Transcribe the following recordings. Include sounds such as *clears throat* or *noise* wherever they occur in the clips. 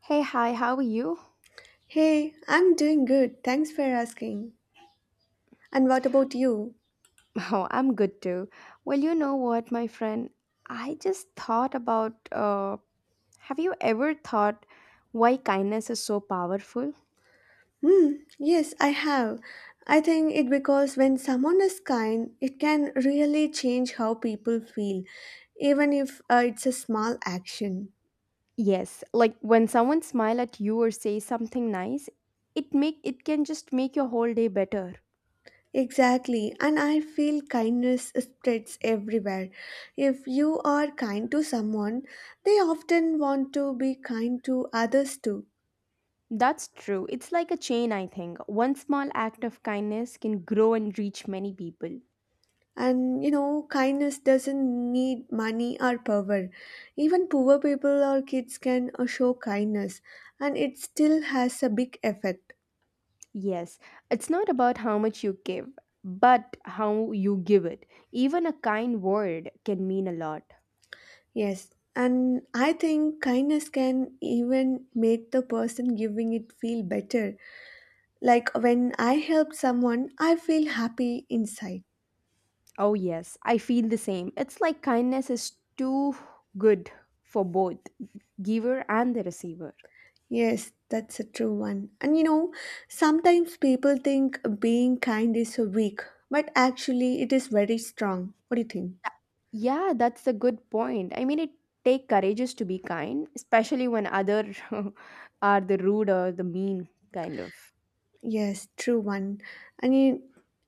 Hey, hi, how are you? *laughs* Hey, I'm doing good. Thanks for asking. And what about you? Oh, I'm good too. Well, you know what, my friend? I just thought about have you ever thought why kindness is so powerful? Hmm, yes, I have. I think it because when someone is kind, it can really change how people feel, even if it's a small action. Yes, like when someone smile at you or say something nice, it make it can just make your whole day better. Exactly, and I feel kindness spreads everywhere. If you are kind to someone, they often want to be kind to others too. That's true. It's like a chain, I think. One small act of kindness can grow and reach many people. And you know, kindness doesn't need money or power. Even poor people or kids can show kindness, and it still has a big effect. Yes, it's not about how much you give, but how you give it. Even a kind word can mean a lot. Yes, and I think kindness can even make the person giving it feel better. Like when I help someone, I feel happy inside. Oh, yes, I feel the same. It's like kindness is too good for both giver and the receiver. Yes, that's a true one. And you know, sometimes people think being kind is so weak, but actually, it is very strong. What do you think? Yeah, that's a good point. I mean, it take courageous to be kind, especially when other *laughs* are the rude or the mean kind of. Yes, true one. I mean,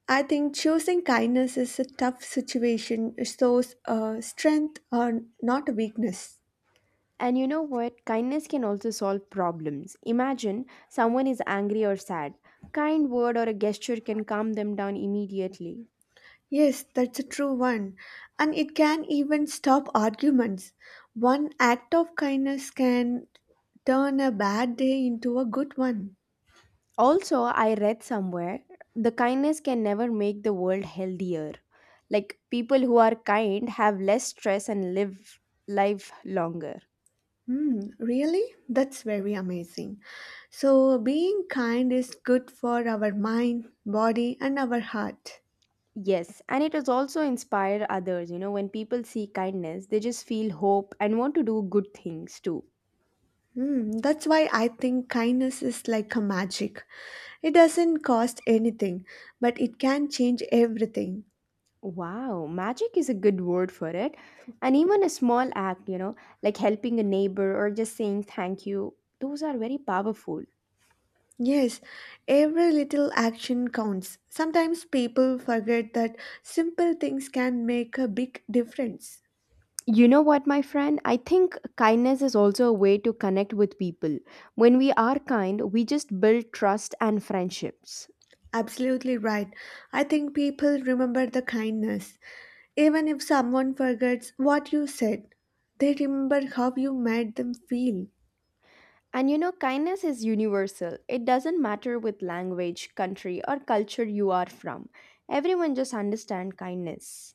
I think choosing kindness is a tough situation. It shows strength or not a weakness. And you know what? Kindness can also solve problems. Imagine someone is angry or sad. Kind word or a gesture can calm them down immediately. Yes, that's a true one. And it can even stop arguments. One act of kindness can turn a bad day into a good one. Also, I read somewhere the kindness can never make the world healthier. Like people who are kind have less stress and live life longer. Hmm, really? That's very amazing. So, being kind is good for our mind, body, and our heart. Yes, and it has also inspired others. You know, when people see kindness, they just feel hope and want to do good things too. Mm, that's why I think kindness is like a magic. It doesn't cost anything, but it can change everything. Wow, magic is a good word for it. And even a small act, like helping a neighbor or just saying thank you, those are very powerful. Yes, every little action counts. Sometimes people forget that simple things can make a big difference. You know what, my friend? I think kindness is also a way to connect with people. When we are kind, we just build trust and friendships. Absolutely right. I think people remember the kindness. Even if someone forgets what you said, they remember how you made them feel. And you know, kindness is universal. It doesn't matter with language, country, or culture you are from. Everyone just understand kindness.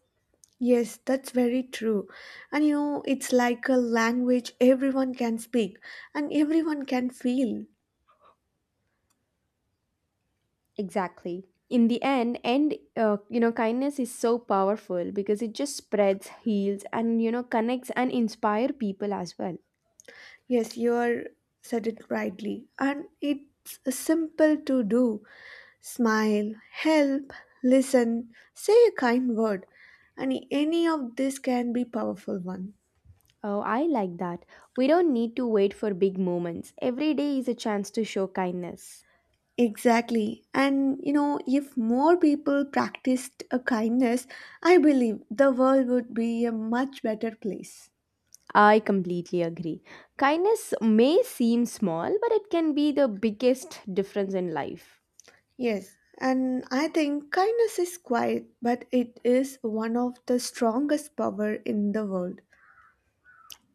Yes, that's very true. And you know, it's like a language everyone can speak and everyone can feel. Exactly. In the end, and kindness is so powerful because it just spreads, heals, and connects and inspire people as well. Yes, you're said it rightly. And it's simple to do. Smile, help, listen, say a kind word. And any of this can be powerful one. Oh, I like that. We don't need to wait for big moments. Every day is a chance to show kindness. Exactly. And you know, if more people practiced a kindness, I believe the world would be a much better place. I completely agree. Kindness may seem small, but it can be the biggest difference in life. Yes, and I think kindness is quiet, but it is one of the strongest power in the world.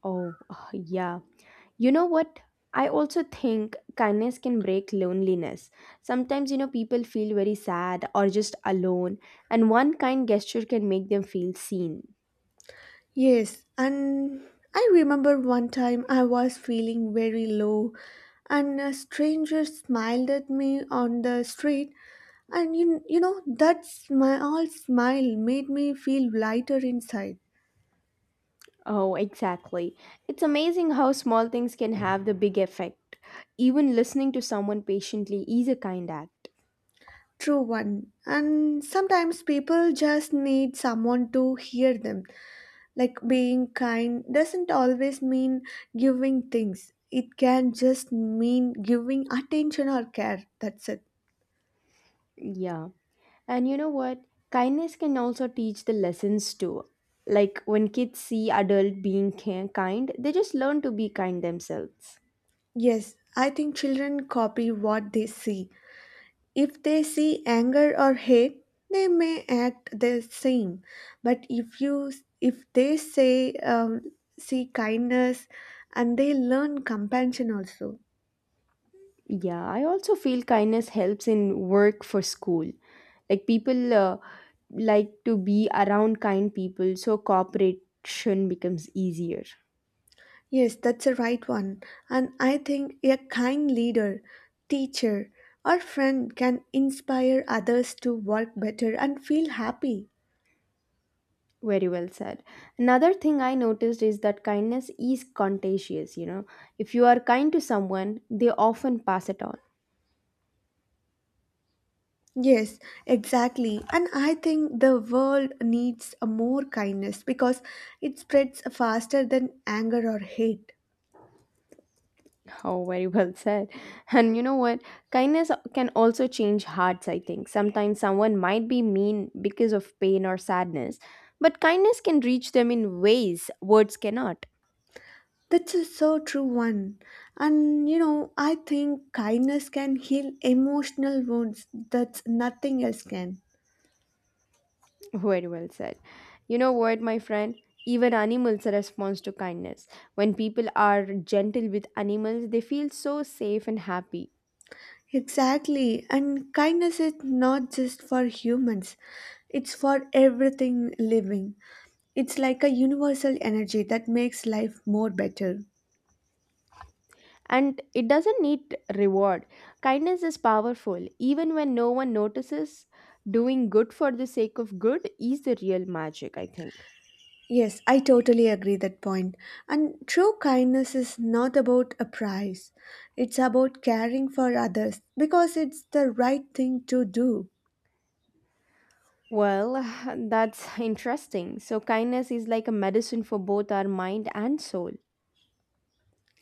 Oh, *sighs* yeah. You know what? I also think kindness can break loneliness. Sometimes, people feel very sad or just alone, and one kind gesture can make them feel seen. Yes, and I remember one time I was feeling very low and a stranger smiled at me on the street and you know that small smile made me feel lighter inside. Oh, exactly. It's amazing how small things can have the big effect. Even listening to someone patiently is a kind act. True one. And sometimes people just need someone to hear them. Like being kind doesn't always mean giving things, it can just mean giving attention or care. That's it. Yeah. And you know what? Kindness can also teach the lessons too. Like when kids see adult being kind, they just learn to be kind themselves. Yes, I think children copy what they see. If they see anger or hate, they may act the same. But if they say see kindness and they learn compassion also. Yeah, I also feel kindness helps in work for school. Like people like to be around kind people, so cooperation becomes easier. Yes, that's a right one. And I think a kind leader, teacher, or friend can inspire others to work better and feel happy. Very well said. Another thing I noticed is that kindness is contagious. If you are kind to someone, they often pass it on. Yes, exactly. And I think the world needs a more kindness because it spreads faster than anger or hate. Oh, very well *laughs* said. And you know what? Kindness can also change hearts, I think. Sometimes someone might be mean because of pain or sadness, but kindness can reach them in ways words cannot. That's a so true one. And you know, I think kindness can heal emotional wounds that nothing else can. *laughs* Very well said. You know what, my friend? Even animals respond to kindness. When people are gentle with animals, they feel so safe and happy. Exactly, and kindness is not just for humans, it's for everything living. It's like a universal energy that makes life more better. And it doesn't need reward. Kindness is powerful, even when no one notices. Doing good for the sake of good is the real magic, I think. Yes, I totally agree that point. And true kindness is not about a price. It's about caring for others because it's the right thing to do. Well, *laughs* *sighs* that's interesting. So, kindness is like a medicine for both our mind and soul.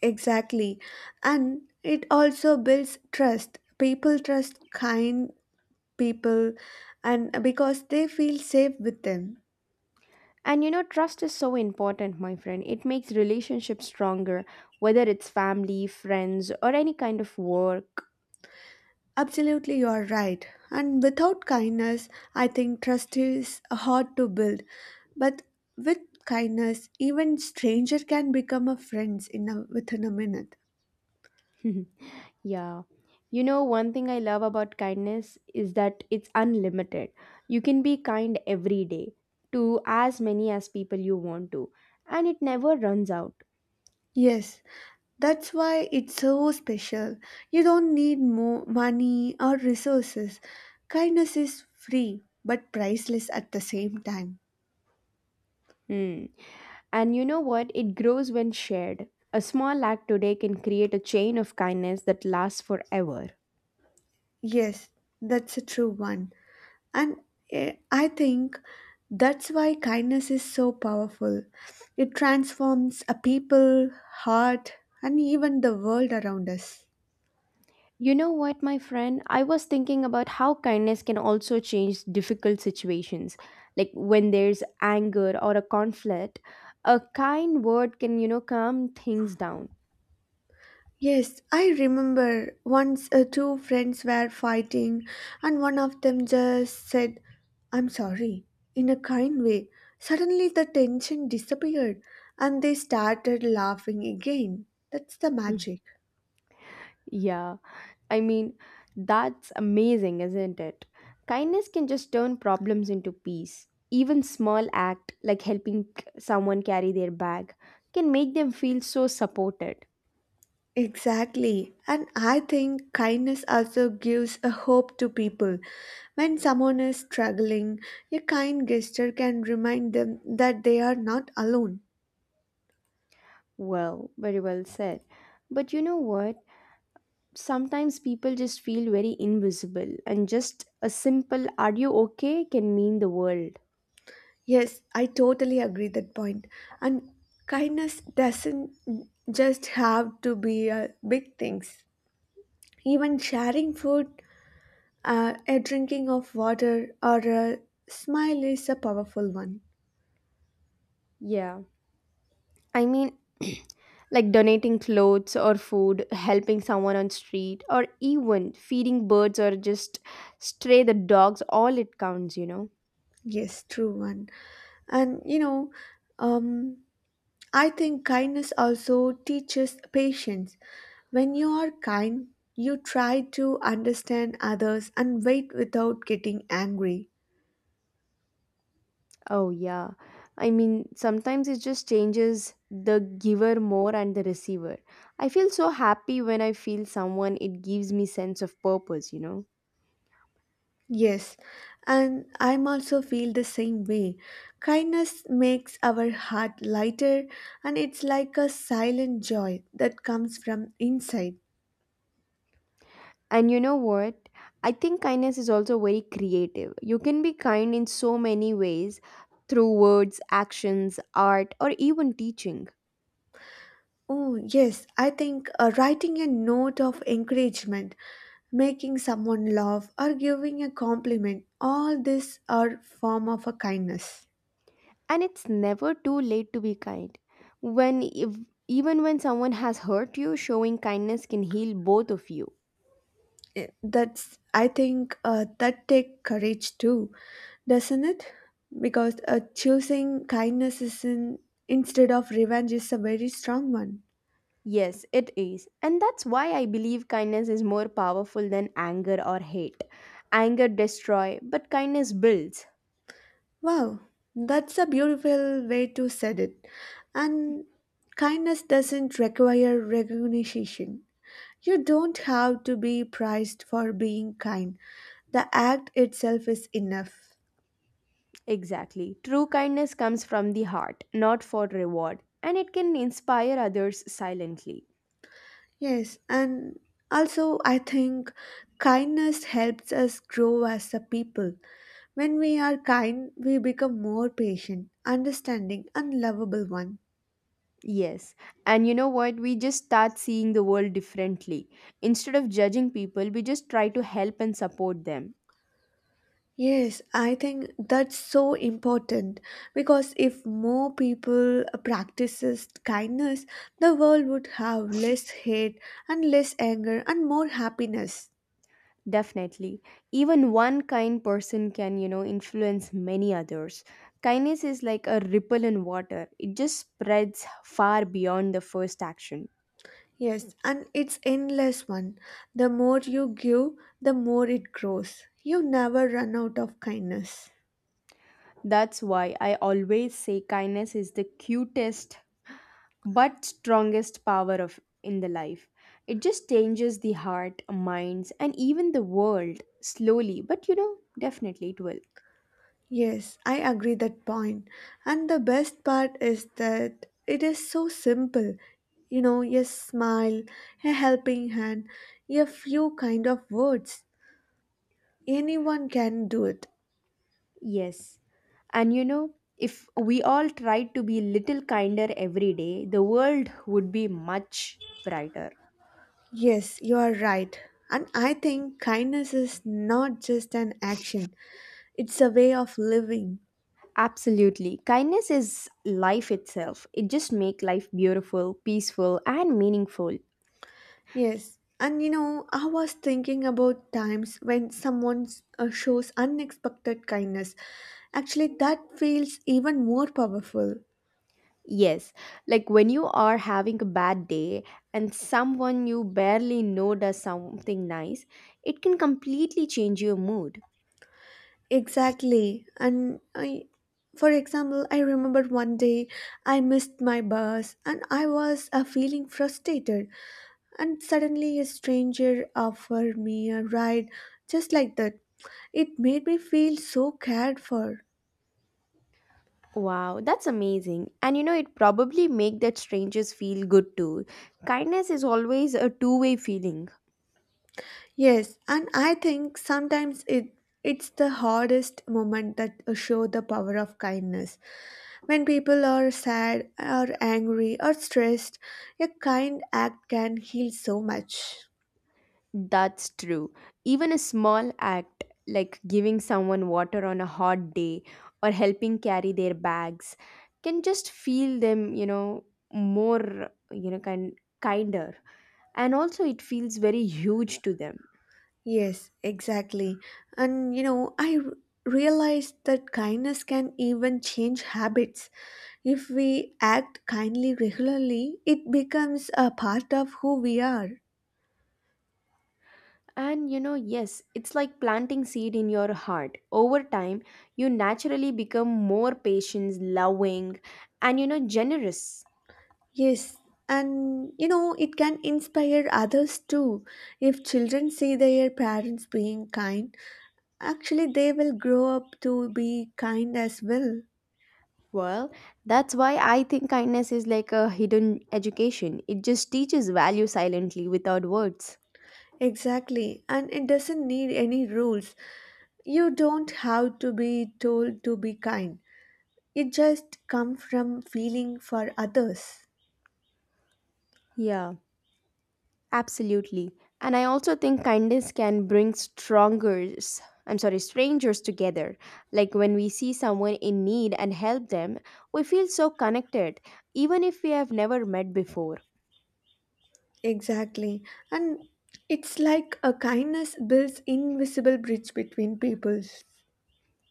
Exactly. And it also builds trust. People trust kind people and because they feel safe with them. And you know, trust is so important, my friend. It makes relationships stronger, whether it's family, friends, or any kind of work. Absolutely, you are right. And without kindness, I think trust is hard to build. But with kindness, even stranger can become a friends in a, within a minute. *laughs* Yeah. You know, one thing I love about kindness is that it's unlimited. You can be kind every day to as many as people you want to, and it never runs out. Yes, that's why it's so special. You don't need more money or resources. Kindness is free but priceless at the same time. Hmm. And you know what? It grows when shared. A small act today can create a chain of kindness that lasts forever. Yes, that's a true one. And I think that's why kindness is so powerful. It transforms a people, heart, and even the world around us. You know what, my friend? I was thinking about how kindness can also change difficult situations. Like when there's anger or a conflict, a kind word can calm things down. *laughs* Yes, I remember once two friends were fighting, and one of them just said, I'm sorry, in a kind way. Suddenly the tension disappeared, and they started laughing again. That's the magic. Yeah, I mean, that's amazing, isn't it? Kindness can just turn problems into peace. Even small act like helping someone carry their bag can make them feel so supported. Exactly. And I think kindness also gives a hope to people. When someone is struggling, a kind gesture can remind them that they are not alone. Well, very well said. But you know what? Sometimes people just feel very invisible and just a simple are you okay can mean the world. Yes, I totally agree that point. And kindness doesn't just have to be big things. Even sharing food, a drinking of water, or a smile is a powerful one. Yeah, I mean, *clears throat* like donating clothes or food, helping someone on street, or even feeding birds, or just stray the dogs, all it counts. Yes, true one. And you know, um, I think kindness also teaches patience. When you are kind, you try to understand others and wait without getting angry. Oh, yeah, I mean, sometimes it just changes the giver more and the receiver. I feel so happy when I feel someone, it gives me sense of purpose. Yes, and I'm also feel the same way. Kindness makes our heart lighter and it's like a silent joy that comes from inside. And you know what? I think kindness is also very creative. You can be kind in so many ways through words, actions, art, or even teaching. Oh, yes, I think writing a note of encouragement, making someone laugh, or giving a compliment, all these are form of a kindness. And it's never too late to be kind. When if, even when someone has hurt you, showing kindness can heal both of you. That's I think that take courage too, doesn't it? Because choosing kindness is instead of revenge is a very strong one. Yes, it is. And that's why I believe kindness is more powerful than anger or hate. Anger destroys, but kindness builds. Wow, that's a beautiful way to said it. And kindness doesn't require recognition. You don't have to be prized for being kind. The act itself is enough. Exactly. True kindness comes from the heart, not for reward, and it can inspire others silently. Yes, and also I think kindness helps us grow as a people. When we are kind, we become more patient, understanding, and lovable one. Yes. And you know what? We just start seeing the world differently. Instead of judging people, we just try to help and support them. Yes, I think that's so important because if more people practices kindness, the world would have less hate and less anger and more happiness. Definitely. Even one kind person can influence many others. Kindness is like a ripple in water, it just spreads far beyond the first action. Yes, and it's endless one. The more you give, the more it grows. You never run out of kindness. That's why I always say kindness is the cutest but strongest power of in the life. It just changes the heart minds and even the world slowly, but definitely it will. Yes, I agree that point. And the best part is that it is so simple. You know, a smile, a helping hand, a few kind of words. Anyone can do it. Yes, and if we all tried to be little kinder every day, the world would be much brighter. Yes, you are right. And I think kindness is not just an action, it's a way of living. Absolutely, kindness is life itself. It just make life beautiful, peaceful, and meaningful. Yes, and you know, I was thinking about times when someone shows unexpected kindness. Actually, that feels even more powerful. Yes, like when you are having a bad day and someone you barely know does something nice, it can completely change your mood. Exactly. And I, for example, I remember one day I missed my bus and I was feeling frustrated. And suddenly, a stranger offered me a ride just like that. It made me feel so cared for. Wow, that's amazing. And you know, it probably make that strangers feel good too. Kindness is always a two-way feeling. Yes, and I think sometimes it's the hardest moment that show the power of kindness. When people are sad or angry or stressed, a kind act can heal so much. That's true. Even a small act like giving someone water on a hot day or helping carry their bags can just feel them, more, kind kinder. And also it feels very huge to them. Yes, exactly. And you know, realized that kindness can even change habits. If we act kindly regularly, it becomes a part of who we are. And yes, it's like planting seed in your heart over time. You naturally become more patient, loving, and generous. Yes, and you know, it can inspire others too. If children see their parents being kind, actually they will grow up to be kind as well. Well, that's why I think kindness is like a hidden education. It just teaches value silently without words. Exactly, and it doesn't need any rules. You don't have to be told to be kind. It just comes from feeling for others. Yeah. Absolutely. And I also think kindness can bring strangers together. Like when we see someone in need and help them, we feel so connected, even if we have never met before. Exactly, and it's like a kindness builds invisible bridge between peoples.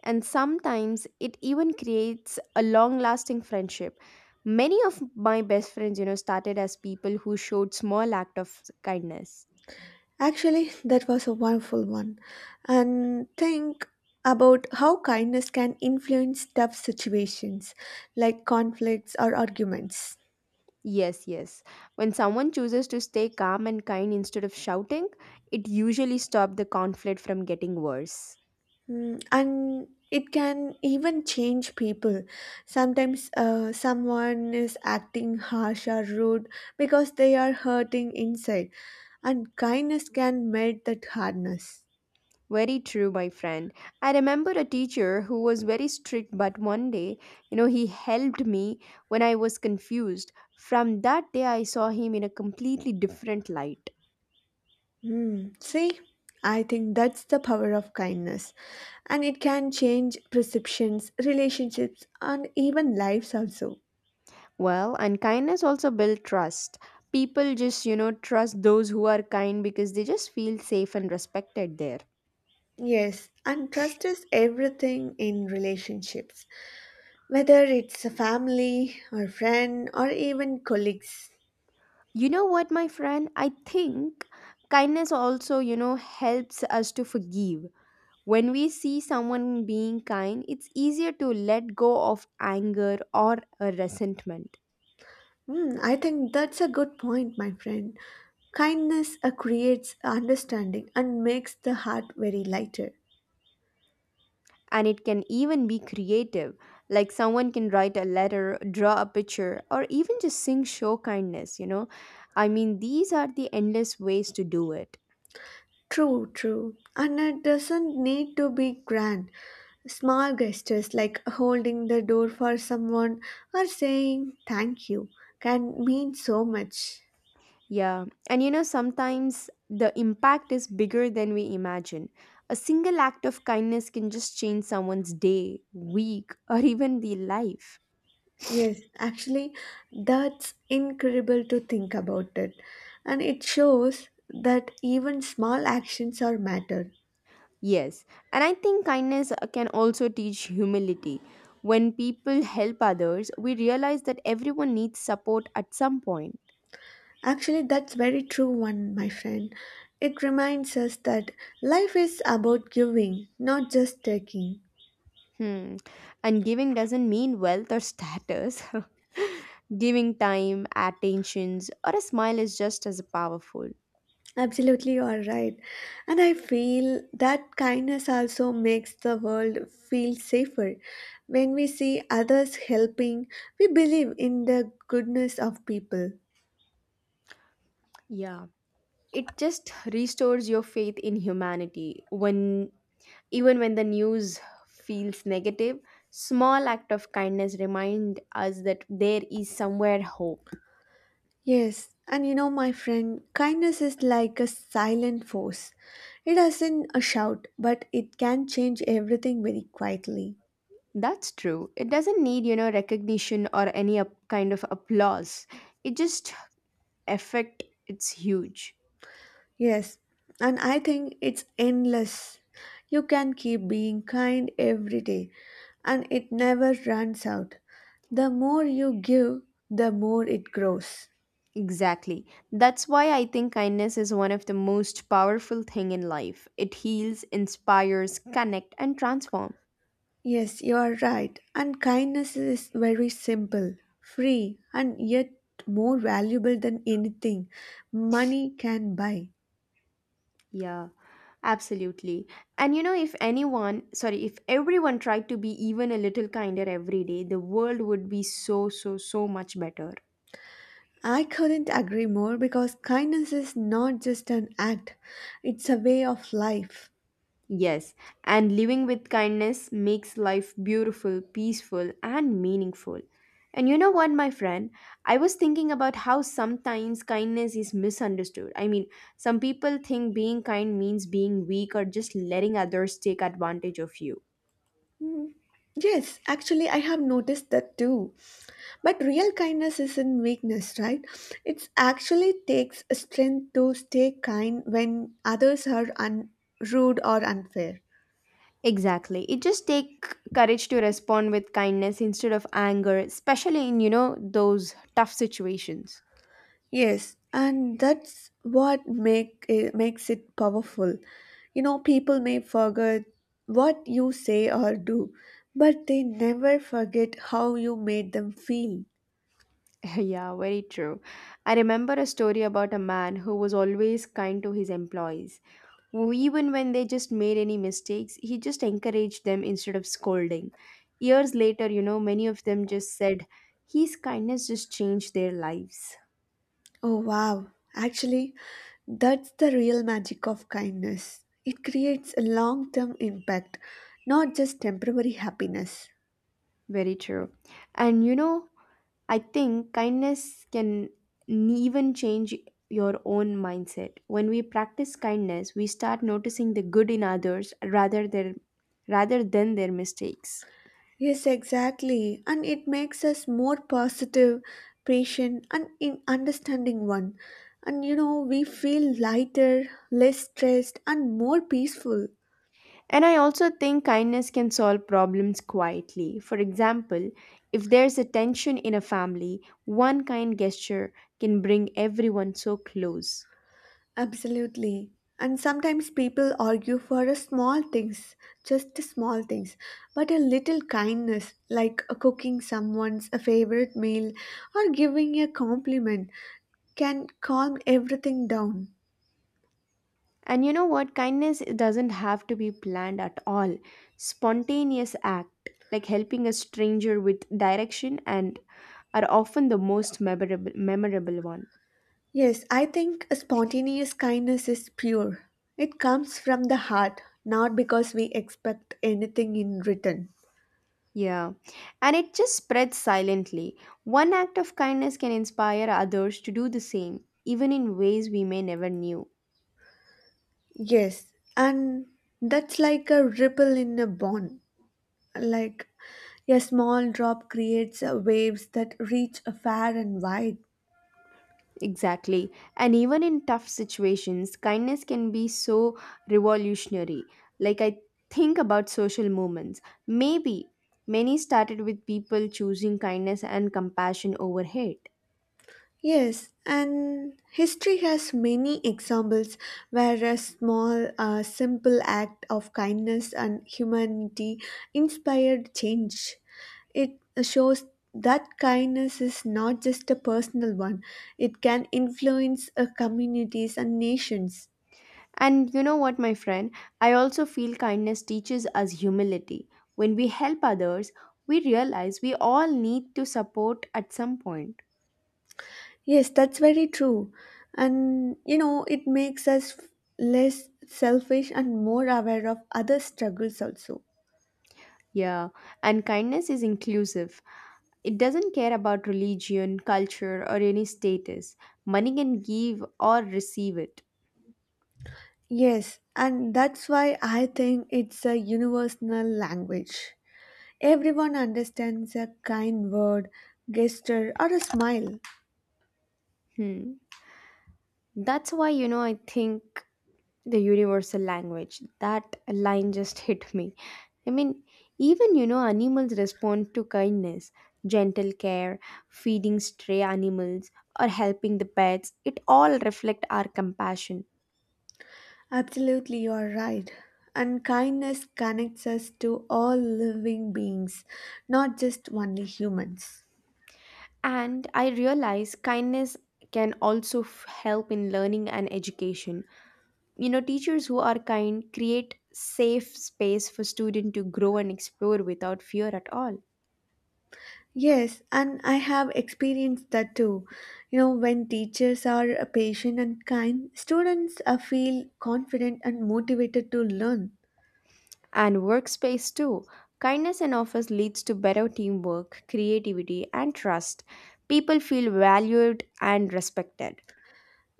And sometimes it even creates a long lasting friendship. Many of my best friends started as people who showed small act of kindness. Actually, that was a wonderful one. And think about how kindness can influence tough situations like conflicts or arguments. Yes, yes. When someone chooses to stay calm and kind instead of shouting, it usually stops the conflict from getting worse. Mm, and it can even change people. Sometimes someone is acting harsh or rude because they are hurting inside, and kindness can melt that hardness. Very true, my friend. I remember a teacher who was very strict, but one day, he helped me when I was confused. From that day, I saw him in a completely different light. Mm, see, I think that's the power of kindness, and it can change perceptions, relationships, and even lives also. Well, and kindness also builds trust. People just trust those who are kind because they just feel safe and respected there. Yes, and trust is everything in relationships, whether it's a family, or friend, or even colleagues. You know what, my friend? I think kindness also helps us to forgive. When we see someone being kind, it's easier to let go of anger or a resentment. Hmm, I think that's a good point, my friend. Kindness creates understanding and makes the heart very lighter. And it can even be creative. Like someone can write a letter, draw a picture, or even just sing show kindness, you know? I mean, these are the endless ways to do it. True, true. And it doesn't need to be grand. Small gestures like holding the door for someone or saying thank you can mean so much. Yeah, and sometimes the impact is bigger than we imagine. A single act of kindness can just change someone's day, week, *laughs* or even the life. Yes, actually, that's incredible to think about it. And it shows that even small actions are matter. Yes, and I think kindness can also teach humility. When people help others, we realize that everyone needs support at some point. Actually, that's very true one, my friend. It reminds us that life is about giving, not just taking. Hmm. And giving doesn't mean wealth or status. *laughs* Giving time, attentions, or a smile is just as powerful. Absolutely, you are right. And I feel that kindness also makes the world feel safer. When we see others helping, we believe in the goodness of people. Yeah, it just restores your faith in humanity. When Even when the news feels negative, small act of kindness remind us that there is somewhere hope. Yes, and you know, my friend, kindness is like a silent force. It doesn't a shout, but it can change everything very quietly. That's true. It doesn't need recognition or any up kind of applause. It just effect it's huge. Yes, and I think it's endless. You can keep being kind every day, and it never runs out. The more you give, the more it grows. Exactly. That's why I think kindness is one of the most powerful thing in life. It heals, inspires, connect and transform. Yes, you are right, and kindness is very simple, free, and yet more valuable than anything money can buy. Yeah, absolutely. And you know if if everyone tried to be even a little kinder every day, the world would be so so so much better. I couldn't agree more because kindness is not just an act, it's a way of life. Yes, and living with kindness makes life beautiful, peaceful, and meaningful. And you know what, my friend? I was thinking about how sometimes kindness is misunderstood. I mean, some people think being kind means being weak or just letting others take advantage of you. Mm, yes, actually, I have noticed that too. But real kindness isn't weakness, right? It actually takes strength to stay kind when others are rude or unfair. Exactly. It just take courage to respond with kindness instead of anger, especially in, you know, those tough situations. Yes, and that's what makes it powerful. You know, people may forget what you say or do, but they never forget how you made them feel. *laughs* Yeah, very true. I remember a story about a man who was always kind to his employees. Who even when they just made any mistakes, he just encouraged them instead of scolding. Years later, you know, many of them just said his kindness just changed their lives. Oh, wow. Actually, that's the real magic of kindness. It creates a long term impact, not just temporary happiness. Very true. And you know, I think kindness can even change your own mindset. When we practice kindness, we start noticing the good in others rather than their mistakes. Yes, exactly. And it makes us more positive, patient, and in understanding one. And you know, we feel lighter, less stressed, and more peaceful. And I also think kindness can solve problems quietly. For example, if there's a tension in a family, one kind gesture can bring everyone so close. Absolutely. And sometimes people argue for a small things, just the small things, but a little kindness, like cooking someone's a favorite meal or giving a compliment, can calm everything down. And you know what? Kindness doesn't have to be planned at all. Spontaneous act, like helping a stranger with direction and are often the most memorable one. Yes, I think a spontaneous kindness is pure. It comes from the heart, not because we expect anything in return. Yeah, and it just spreads silently. One act of kindness can inspire others to do the same, even in ways we may never knew. Yes, and that's like a ripple in a pond, like a small drop creates waves that reach far and wide. Exactly. And even in tough situations, kindness can be so revolutionary. Like I think about social movements. Maybe many started with people choosing kindness and compassion over hate. Yes, and history has many examples where a simple act of kindness and humanity inspired change. It shows that kindness is not just a personal one, it can influence communities and nations. And you know what, my friend? I also feel kindness teaches us humility. When we help others, we realize we all need to support at some point. Yes, that's very true. And you know, it makes less selfish and more aware of other struggles also. Yeah, and kindness is inclusive. It doesn't care about religion, culture, or any status. Money can give or receive it. Yes, and that's why I think it's a universal language. Everyone understands a kind word, gesture, or a smile. Hmm. That's why, you know, I think the universal language, that line just *laughs* hit me. I mean, even you know, animals respond to kindness, gentle care, feeding stray animals, or helping the pets. It all reflect our compassion. Absolutely, you are right. And kindness connects us to all living beings, not just only humans. And I realize kindness can also help in learning and education. You know, teachers who are kind create safe space for student to grow and explore without fear at all. Yes, and I have experienced that too. You know, when teachers are patient and kind, students feel confident and motivated to learn. And workspace too. Kindness in office leads to better teamwork, creativity, and trust. People feel valued and respected.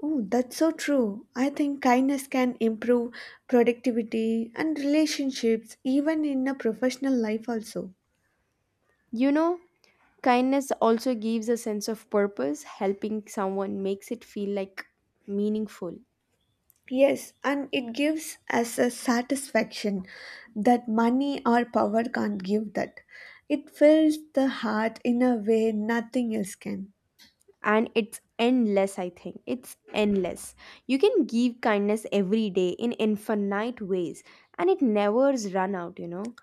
Oh, that's so true. I think kindness can improve productivity and relationships even in a professional life also. You know, kindness also gives a sense of purpose. Helping someone makes it feel like meaningful. Yes, and it gives us a satisfaction that money or power can't give that. It fills the heart in a way nothing else can. And it's endless, I think. It's endless. You can give kindness every day in infinite ways, and it never is run out, you know.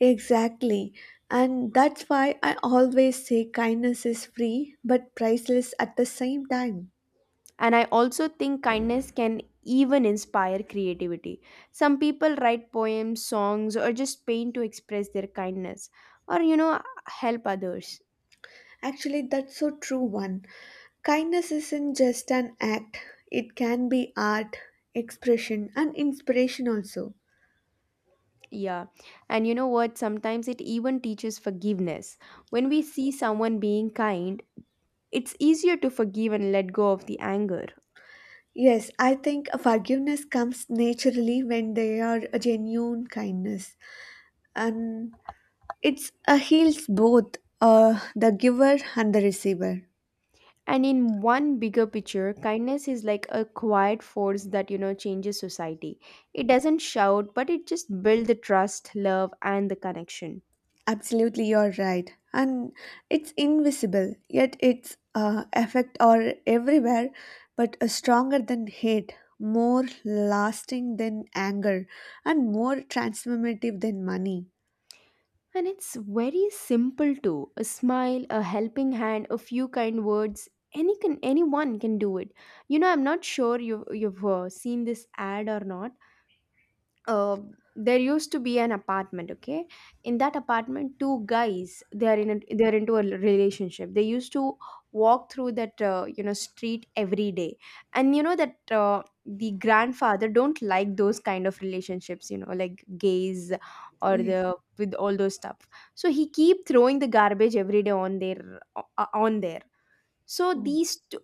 Exactly. And that's why I always say kindness is free but priceless at the same time. And I also think kindness can even inspire creativity. Some people write poems, songs, or just paint to express their kindness or, you know, help others. Actually, that's so true one. Kindness isn't just an act, it can be art, expression, and inspiration also. Yeah. And you know what? Sometimes it even teaches forgiveness. When we see someone being kind, it's easier to forgive and let go of the anger. Yes, I think forgiveness comes naturally when they are a genuine kindness, and it's a heals both the giver and the receiver. And in one bigger picture, kindness is like a quiet force that, you know, changes society. It doesn't shout, but it just builds the trust, love, and the connection. Absolutely, you're right. And it's invisible, yet its effect are everywhere, but stronger than hate, more lasting than anger, and more transformative than money. And it's very simple too. A smile, a helping hand, a few kind words. Anyone can do it. You know, I'm not sure you've seen this ad or not. uh, there used to be an apartment, okay, in that apartment two guys, they are they are into a relationship. They used to walk through that you know, street every day, and you know that the grandfather don't like those kind of relationships, you know, like gays or Yes. the with all those stuff. So he keep throwing the garbage every day on their on there. So Oh, these two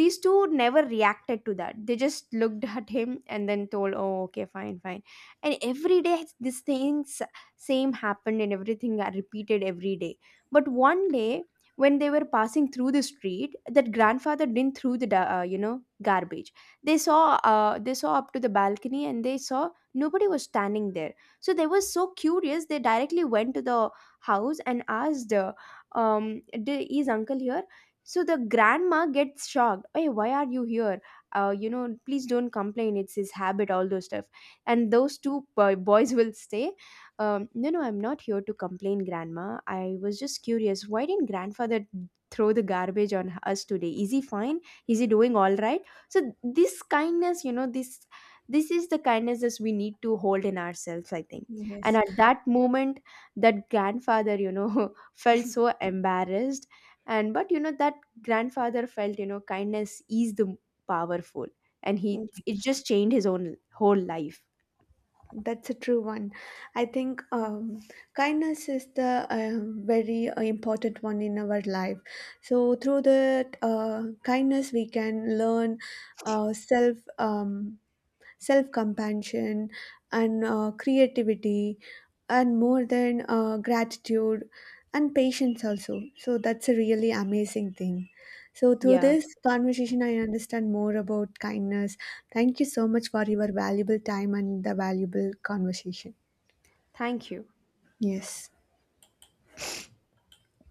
these two never reacted to that. They just looked at him and then told, oh, okay, fine, fine. And every day these things same happened and everything are repeated every day. But one day when they were passing through the street, that grandfather didn't throw the you know, garbage. They saw, they saw up to the balcony and they saw nobody was standing there. So they were so curious, they directly went to the house and asked, "D- is uncle here?" So the grandma gets shocked. Hey, why are you here? You know, please don't complain, it's his habit, all those stuff. And those two boys will say, no, no, I'm not here to complain, grandma. I was just curious, why didn't grandfather throw the garbage on us today? Is he fine? Is he doing all right? So this kindness, you know, this is the kindnesses we need to hold in ourselves, I think. And yes. at that moment, that grandfather, you know, *laughs* felt so embarrassed. And but you know that grandfather felt, you know, kindness is the powerful, and he Mm, it just changed his own whole life. that's a true one. I think kindness is the very important one in our life. So through that kindness, we can learn uh, self um, self compassion and creativity and more than gratitude and patience also. So that's a really amazing thing. So through Yeah, this conversation I understand more about kindness. Thank you so much for your valuable time and the valuable conversation. thank you. Yes.